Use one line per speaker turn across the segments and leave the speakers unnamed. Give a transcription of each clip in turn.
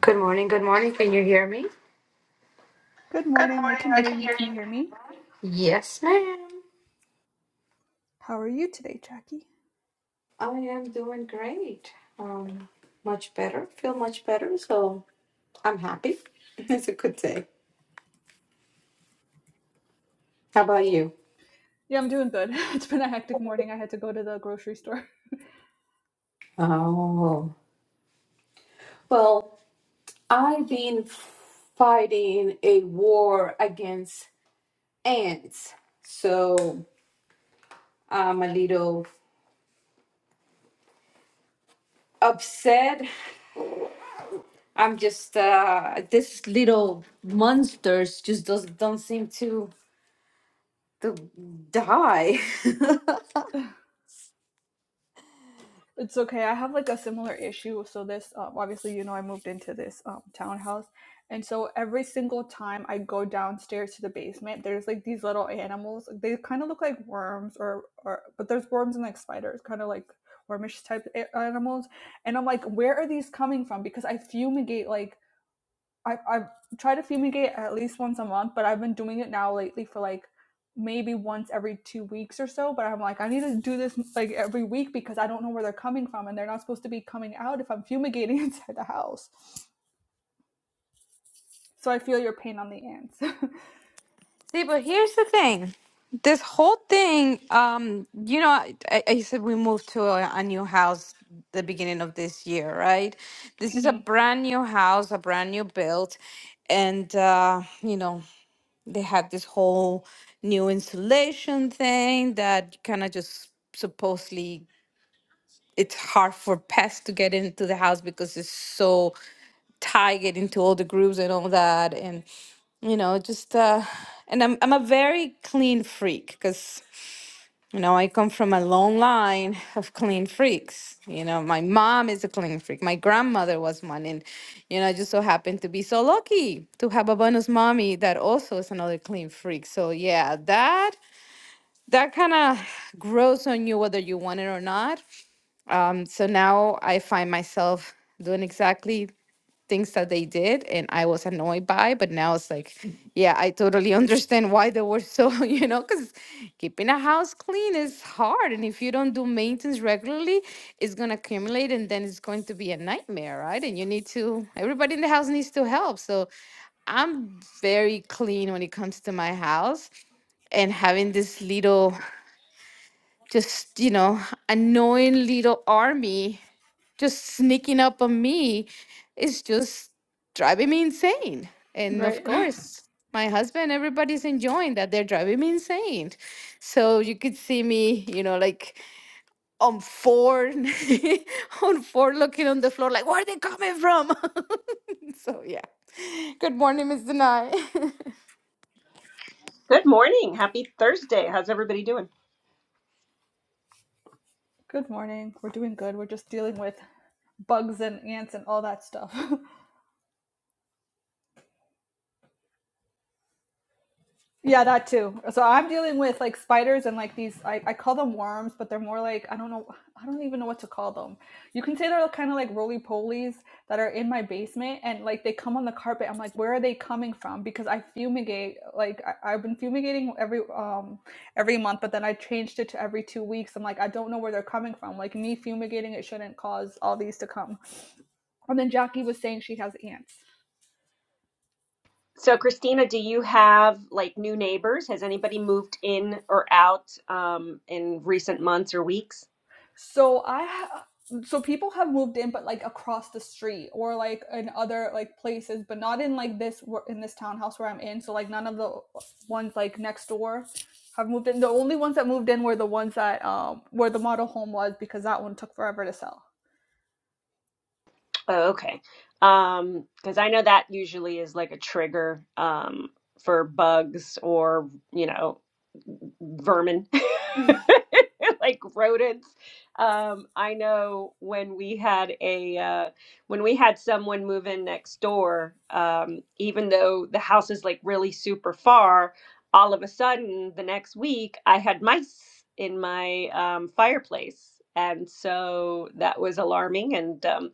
Good morning, good morning. Can you hear me?
Good
Good
morning. I
morning,
can
I
hear
can
you.
hear
Can
you.
you hear me?
Yes, ma'am.
How are you today, Jackie?
I am doing great. Um, much better. Feel much better, so I'm happy. It's a good day. How about you?
Yeah, I'm doing good. It's been a hectic morning. I had to go to the grocery store.
Oh, well, I've been fighting a war against ants, so I'm a little upset. I'm just uh, this little monsters just does, don't seem to. to die.
It's okay. I have like a similar issue. So this, um, obviously, you know, I moved into this um, townhouse, and so every single time I go downstairs to the basement, there's like these little animals. They kind of look like worms, or or but there's worms and like spiders, kind of like wormish type animals. And I'm like, where are these coming from? Because I fumigate like I I try to fumigate at least once a month, but I've been doing it now lately for like maybe once every two weeks or so. But I'm like, I need to do this like every week because I don't know where they're coming from, and they're not supposed to be coming out if I'm fumigating inside the house. So I feel your pain on the ants.
See, but here's the thing. This whole thing, um, you know, I, I said we moved to a, a new house the beginning of this year, right? This is a
hmm
brand new house, a brand new build, and uh, you know, they had this whole new insulation thing that kind of just supposedly it's hard for pests to get into the house because it's so tight, get into all the grooves and all that, and. you know just uh and i'm i'm a very clean freak cuz you know i come from a long line of clean freaks you know my mom is a clean freak my grandmother was one and you know i just so happened to be so lucky to have a bonus mommy that also is another clean freak so yeah that that kind of grows on you whether you want it or not um so now i find myself doing exactly things that they did and I was annoyed by, but now it's like, yeah, I totally understand why they were so, you know, because keeping a house clean is hard. And if you don't do maintenance regularly, it's going to accumulate and then it's going to be a nightmare, right? And you need to, everybody in the house needs to help. So I'm very clean when it comes to my house and having this little, just, you know, annoying little army just sneaking up on me is just driving me insane. And of
Right.
course, my husband, everybody's enjoying that. They're driving me insane. So you could see me, you know, like on four, on four, looking on the floor, like, where are they coming from? so yeah. Good morning, Miss Denai.
Good morning. Happy Thursday. How's everybody doing?
Good morning. We're doing good. We're just dealing with bugs and ants and all that stuff. Yeah, that too. So I'm dealing with like spiders and like these, I, I call them worms, but they're more like, I don't know, I don't even know what to call them. You can say they're kind of like roly polies that are in my basement and like they come on the carpet. I'm like, where are they coming from? Because I fumigate, like I, I've been fumigating every, um, every month, but then I changed it to every two weeks. I'm like, I don't know where they're coming from. Like me fumigating, it shouldn't cause all these to come. And then Jackie was saying she has ants.
So, Christina, do you have like new neighbors? Has anybody moved in or out um, in recent months or weeks?
So I ha- so people have moved in, but like across the street or like in other like places, but not in like this in this townhouse where I'm in. So like none of the ones like next door have moved in. The only ones that moved in were the ones that um where the model home was because that one took forever to sell.
Oh, okay. Um, because I know that usually is like a trigger um, for bugs or, you know, vermin like rodents um i know when we had a uh when we had someone move in next door um even though the house is like really super far all of a sudden the next week i had mice in my um fireplace and so that was alarming and um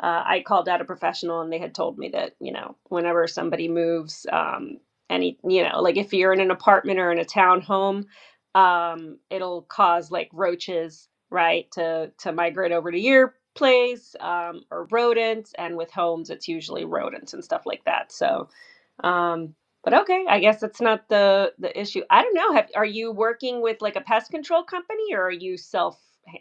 uh, I called out a professional and they had told me that, you know, whenever somebody moves, um, any you know like if you're in an apartment or in a townhome, um, it'll cause like roaches, right, to to migrate over to your place, um, or rodents. And with homes, it's usually rodents and stuff like that. So, um, but okay, I guess that's not the the issue. I don't know. Have, are you working with like a pest control company, or are you self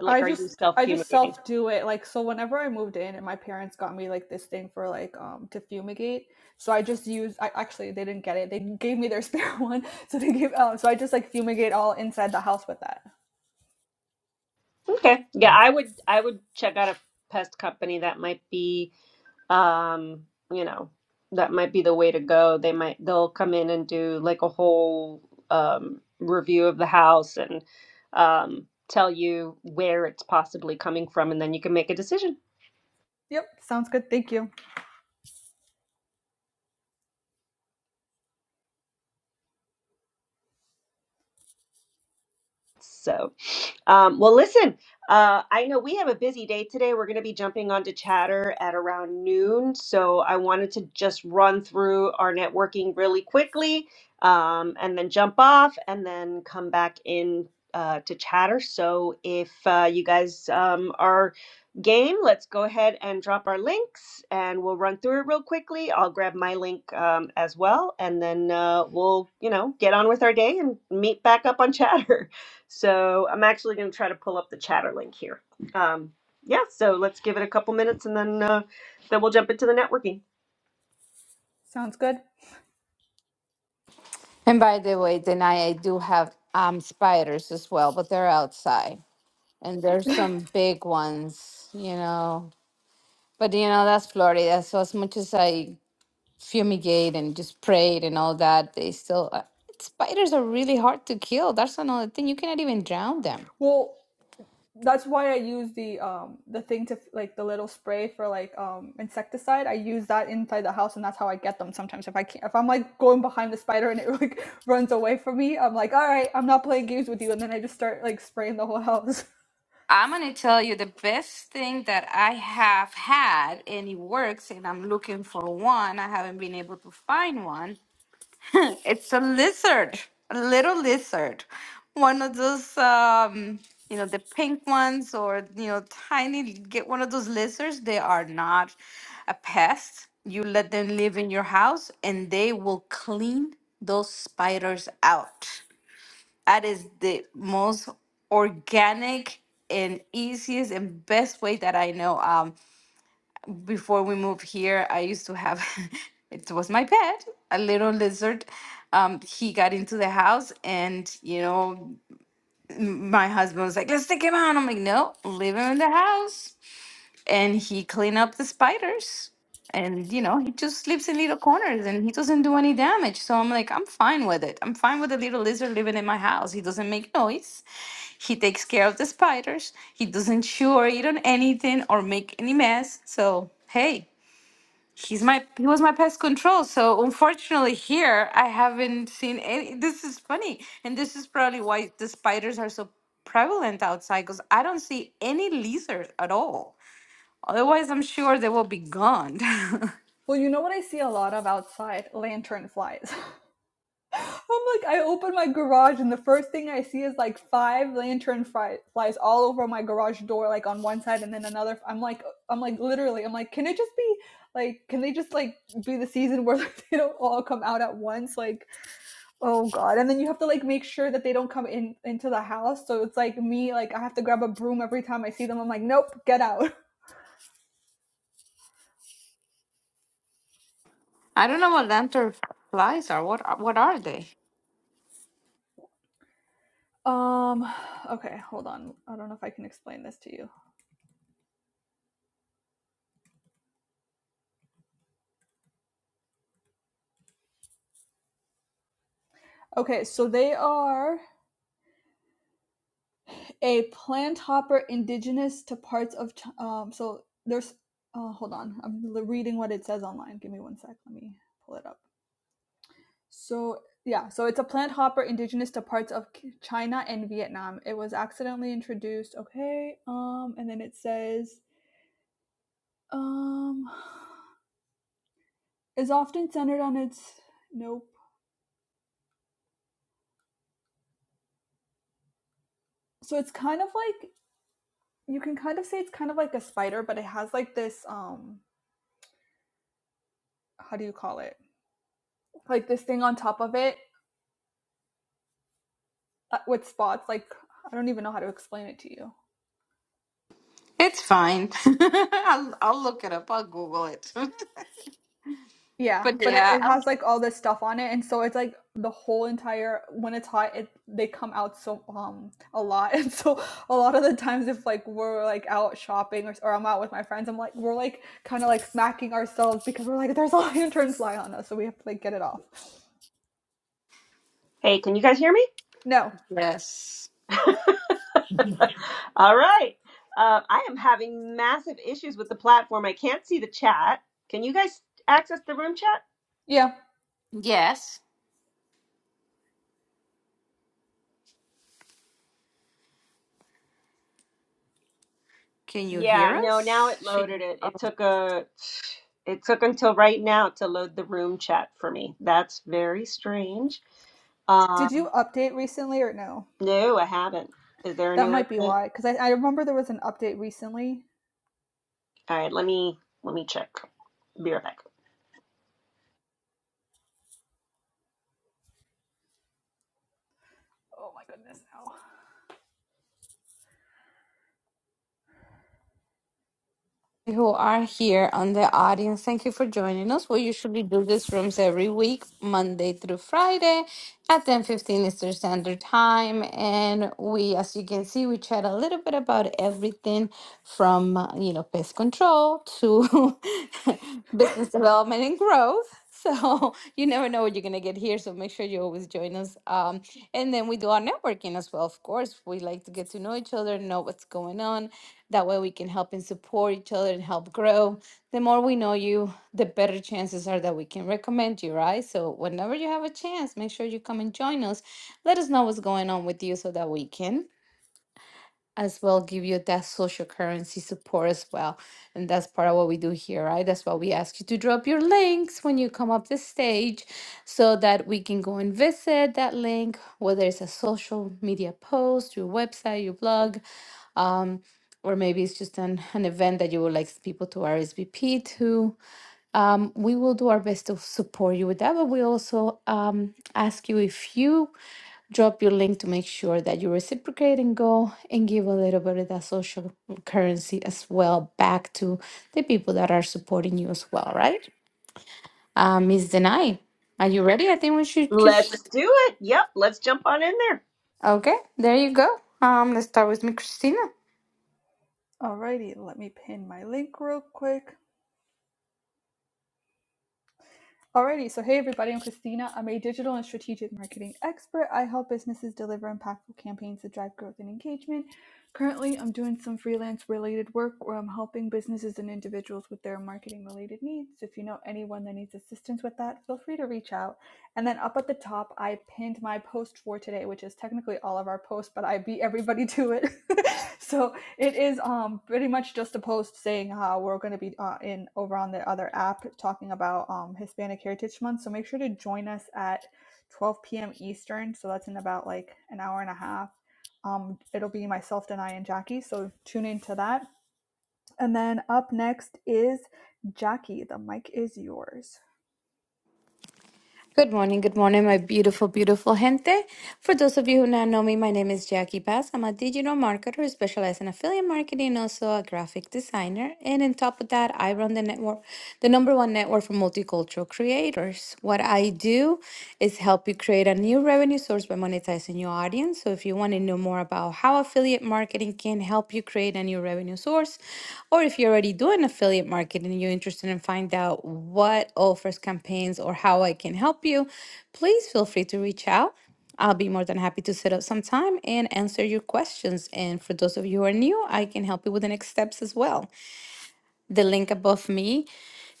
like
I
are you
just
self
I just
fumigating?
self do it. Like so whenever I moved in and my parents got me like this thing for like um to fumigate. So I just used I actually they didn't get it. They gave me their spare one. So they gave um so I just like fumigate all inside the house with that.
Okay, yeah, I would I would check out a pest company that might be. um you know that might be the way to go they might they'll come in and do like a whole um review of the house and um tell you where it's possibly coming from and then you can make a decision
Yep, sounds good. Thank you.
So, um, well, listen, uh, I know we have a busy day today. We're going to be jumping onto Chatter at around noon. So, I wanted to just run through our networking really quickly um, and then jump off and then come back in uh, to Chatter. So, if uh, you guys um, are game, let's go ahead and drop our links and we'll run through it real quickly. I'll grab my link um, as well and then uh, we'll, you know, get on with our day and meet back up on Chatter. So I'm actually going to try to pull up the chatter link here. Um, yeah, so let's give it a couple minutes and then uh, then we'll jump into the networking.
Sounds good.
and by the way, Denai, I do have um spiders as well, but they're outside. And there's some big ones, you know, But you know, that's Florida. So as much as I fumigate and just prayed and all that, they still uh, spiders are really hard to kill. That's another thing. You cannot even drown them.
Well, that's why I use the um the thing to like the little spray for like um insecticide. I use that inside the house, and that's how I get them. Sometimes if I can't, if I'm like going behind the spider and it like runs away from me, I'm like, all right, I'm not playing games with you, and then I just start like spraying the whole house.
I'm gonna tell you the best thing that I have had, and it works. And I'm looking for one. I haven't been able to find one it's a lizard, a little lizard. One of those, um, you know, the pink ones or, you know, tiny, get one of those lizards. They are not a pest. You let them live in your house and they will clean those spiders out. That is the most organic and easiest and best way that I know. Um, before we moved here, I used to have, it was my pet, a little lizard. Um, he got into the house, and you know, m- my husband was like, "Let's take him out." I'm like, "No, leave him in the house." And he cleaned up the spiders, and you know, he just sleeps in little corners, and he doesn't do any damage. So I'm like, I'm fine with it. I'm fine with the little lizard living in my house. He doesn't make noise. He takes care of the spiders. He doesn't chew or eat on anything or make any mess. So hey. He's my he was my pest control. So unfortunately here I haven't seen any this is funny. And this is probably why the spiders are so prevalent outside because I don't see any lizards at all. Otherwise I'm sure they will be gone. I
Well, you know what I see a lot of outside? Lantern flies. I'm like, I open my garage and the first thing I see is like five lantern fry- flies all over my garage door, like on one side and then another. I'm like, I'm like, literally, I'm like, can it just be like, can they just like be the season where like, they don't all come out at once? Like, oh god! And then you have to like make sure that they don't come in into the house. So it's like me, like I have to grab a broom every time I see them. I'm like, nope, get out.
don't know what lanternflies are. What are- what are they?
Um, okay, hold on. I don't know if I can explain this to you. Okay, so they are a plant hopper indigenous to parts of um so there's uh, hold on i'm reading what it says online give me one sec let me pull it up so yeah so it's a plant hopper indigenous to parts of china and vietnam it was accidentally introduced okay um and then it says um is often centered on its nope so it's kind of like you can kind of say it's kind of like a spider but it has like this um how do you call it like this thing on top of it uh, with spots. Like I don't even know how to explain it to you.
It's fine. I'll I'll look it up. I'll Google it.
Yeah,
but
but it,
yeah,
it
I'll,
has like all this stuff on it, and so it's like the whole entire when it's hot, it they come out so um a lot, and so a lot of the times if like we're like out shopping or, or I'm out with my friends, I'm like we're like kind of like smacking ourselves because we're like there's a lantern fly on us, so we have to like get it off.
Hey, can you guys hear me?
No,
yes.
All right. Uh, I am having massive issues with the platform. I can't see the chat. Can you guys access the room chat?
yeah.
Yes. Can you
Yeah,
hear
no, now
us?
it
Should
loaded
you?
it. It took a it took until right now to load the room chat for me. That's very strange. Uh,
Did you update recently or no?
no, I haven't. Is there a
That
new
might be
update?
why, because I, I remember there was an update recently.
All right, let me let me check. Be right back.
Oh my goodness, now
who are here on the audience, thank you for joining us. We usually do these rooms every week, Monday through Friday at 10:15 Eastern Standard Time. And we, as you can see, we chat a little bit about everything from uh, you know pest control to business development and growth. So you never know what you're gonna get here. So make sure you always join us. Um, and then we do our networking as well, of course. We like to get to know each other, know what's going on that way we can help and support each other and help grow. The more we know you, the better chances are that we can recommend you, right? So whenever you have a chance, make sure you come and join us. Let us know what's going on with you so that we can as well give you that social currency support as well. And that's part of what we do here, right? That's why we ask you to drop your links when you come up the stage so that we can go and visit that link, whether it's a social media post, your website, your blog, um, or maybe it's just an, an event that you would like people to RSVP to. Um, we will do our best to support you with that, but we also um, ask you if you drop your link to make sure that you reciprocate and go and give a little bit of that social currency as well back to the people that are supporting you as well, right? Uh, Ms. Denai, are you ready? I think we should
Let's
just.
do it. Yep, let's jump on in there.
Okay, there you go. Um, let's start with Miss Christina.
Alrighty, let me pin my link real quick. Alrighty, so hey everybody, I'm Christina. I'm a digital and strategic marketing expert. I help businesses deliver impactful campaigns to drive growth and engagement. Currently, I'm doing some freelance related work where I'm helping businesses and individuals with their marketing related needs. So If you know anyone that needs assistance with that, feel free to reach out. And then up at the top, I pinned my post for today, which is technically all of our posts, but I beat everybody to it. so It is um pretty much just a post saying how we're going to be uh, in over on the other app talking about um Hispanic Heritage Month. So make sure to join us at 12 p.m. Eastern. So that's in about like an hour and a half. Um, it'll be myself, Denai, and Jackie. So tune in to that. And then up next is Jackie. The mic is yours.
Good morning, good morning, my beautiful, beautiful gente. For those of you who not know me, my name is Jackie Bass. I'm a digital marketer who specializes in affiliate marketing, also a graphic designer. And on top of that, I run the network, the number one network for multicultural creators. What I do is help you create a new revenue source by monetizing your audience. So if you want to know more about how affiliate marketing can help you create a new revenue source, or if you're already doing affiliate marketing and you're interested in find out what offers campaigns or how I can help you, please feel free to reach out. I'll be more than happy to set up some time and answer your questions. And for those of you who are new, I can help you with the next steps as well. The link above me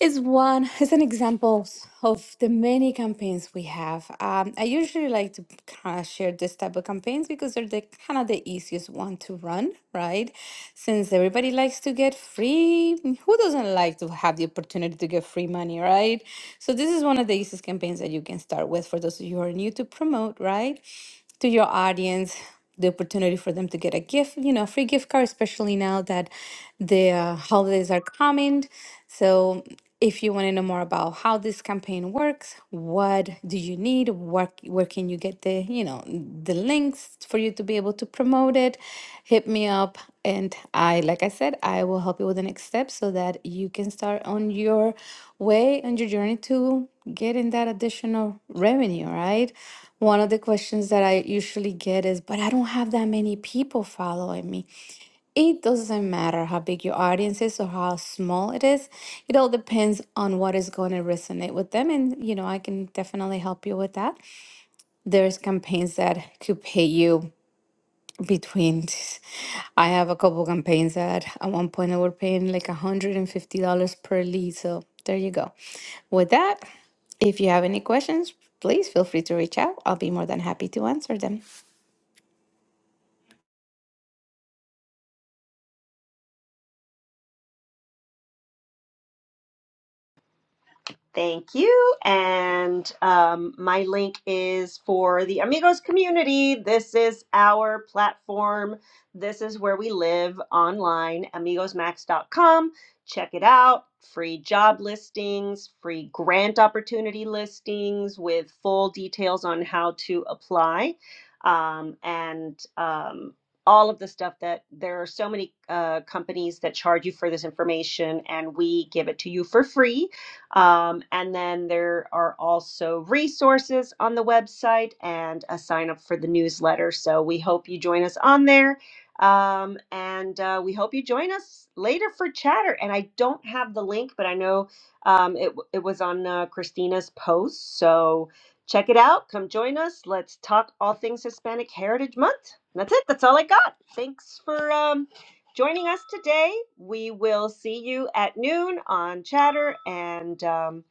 is one is an example of the many campaigns we have. Um, I usually like to kind of share this type of campaigns because they're the kind of the easiest one to run, right? Since everybody likes to get free, who doesn't like to have the opportunity to get free money, right? So this is one of the easiest campaigns that you can start with for those of you who are new to promote, right? to your audience the opportunity for them to get a gift, you know, free gift card, especially now that the uh, holidays are coming. So, if you want to know more about how this campaign works, what do you need, what, where can you get the, you know, the links for you to be able to to promote it, hit me up. And I, like I said, I will help you with the next step so that you can start on your way on your journey to getting that additional revenue, right? One of the questions that I usually get is, but I don't have that many people following me. It doesn't matter how big your audience is or how small it is. It all depends on what is going to resonate with them. And, you know, I can definitely help you with that. There's campaigns that could pay you between this- I have a couple campaigns that at one point I were paying like $150 per lead. So there you go. With that, if you have any questions, please feel free to reach out. I'll be more than happy to answer them.
Thank you. And um, my link is for the Amigos community. This is our platform. This is where we live online, amigosmax.com. Check it out. Free job listings, free grant opportunity listings with full details on how to apply. Um, and um, all of the stuff that there are so many uh, companies that charge you for this information, and we give it to you for free um, and then there are also resources on the website and a sign up for the newsletter. So we hope you join us on there. Um, and uh, we hope you join us later for chatter. And I don't have the link, but I know um, it, w- it was on uh, Christina's post. So check it out. Come join us. Let's talk all things Hispanic Heritage Month. That's it. That's all I got. Thanks for um, joining us today. We will see you at noon on Chatter, and um,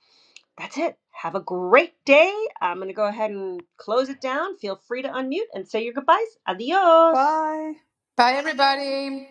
that's it. Have a great day. I'm going to go ahead and close it down. Feel free to unmute and say your goodbyes. Adios.
Bye.
Bye, everybody.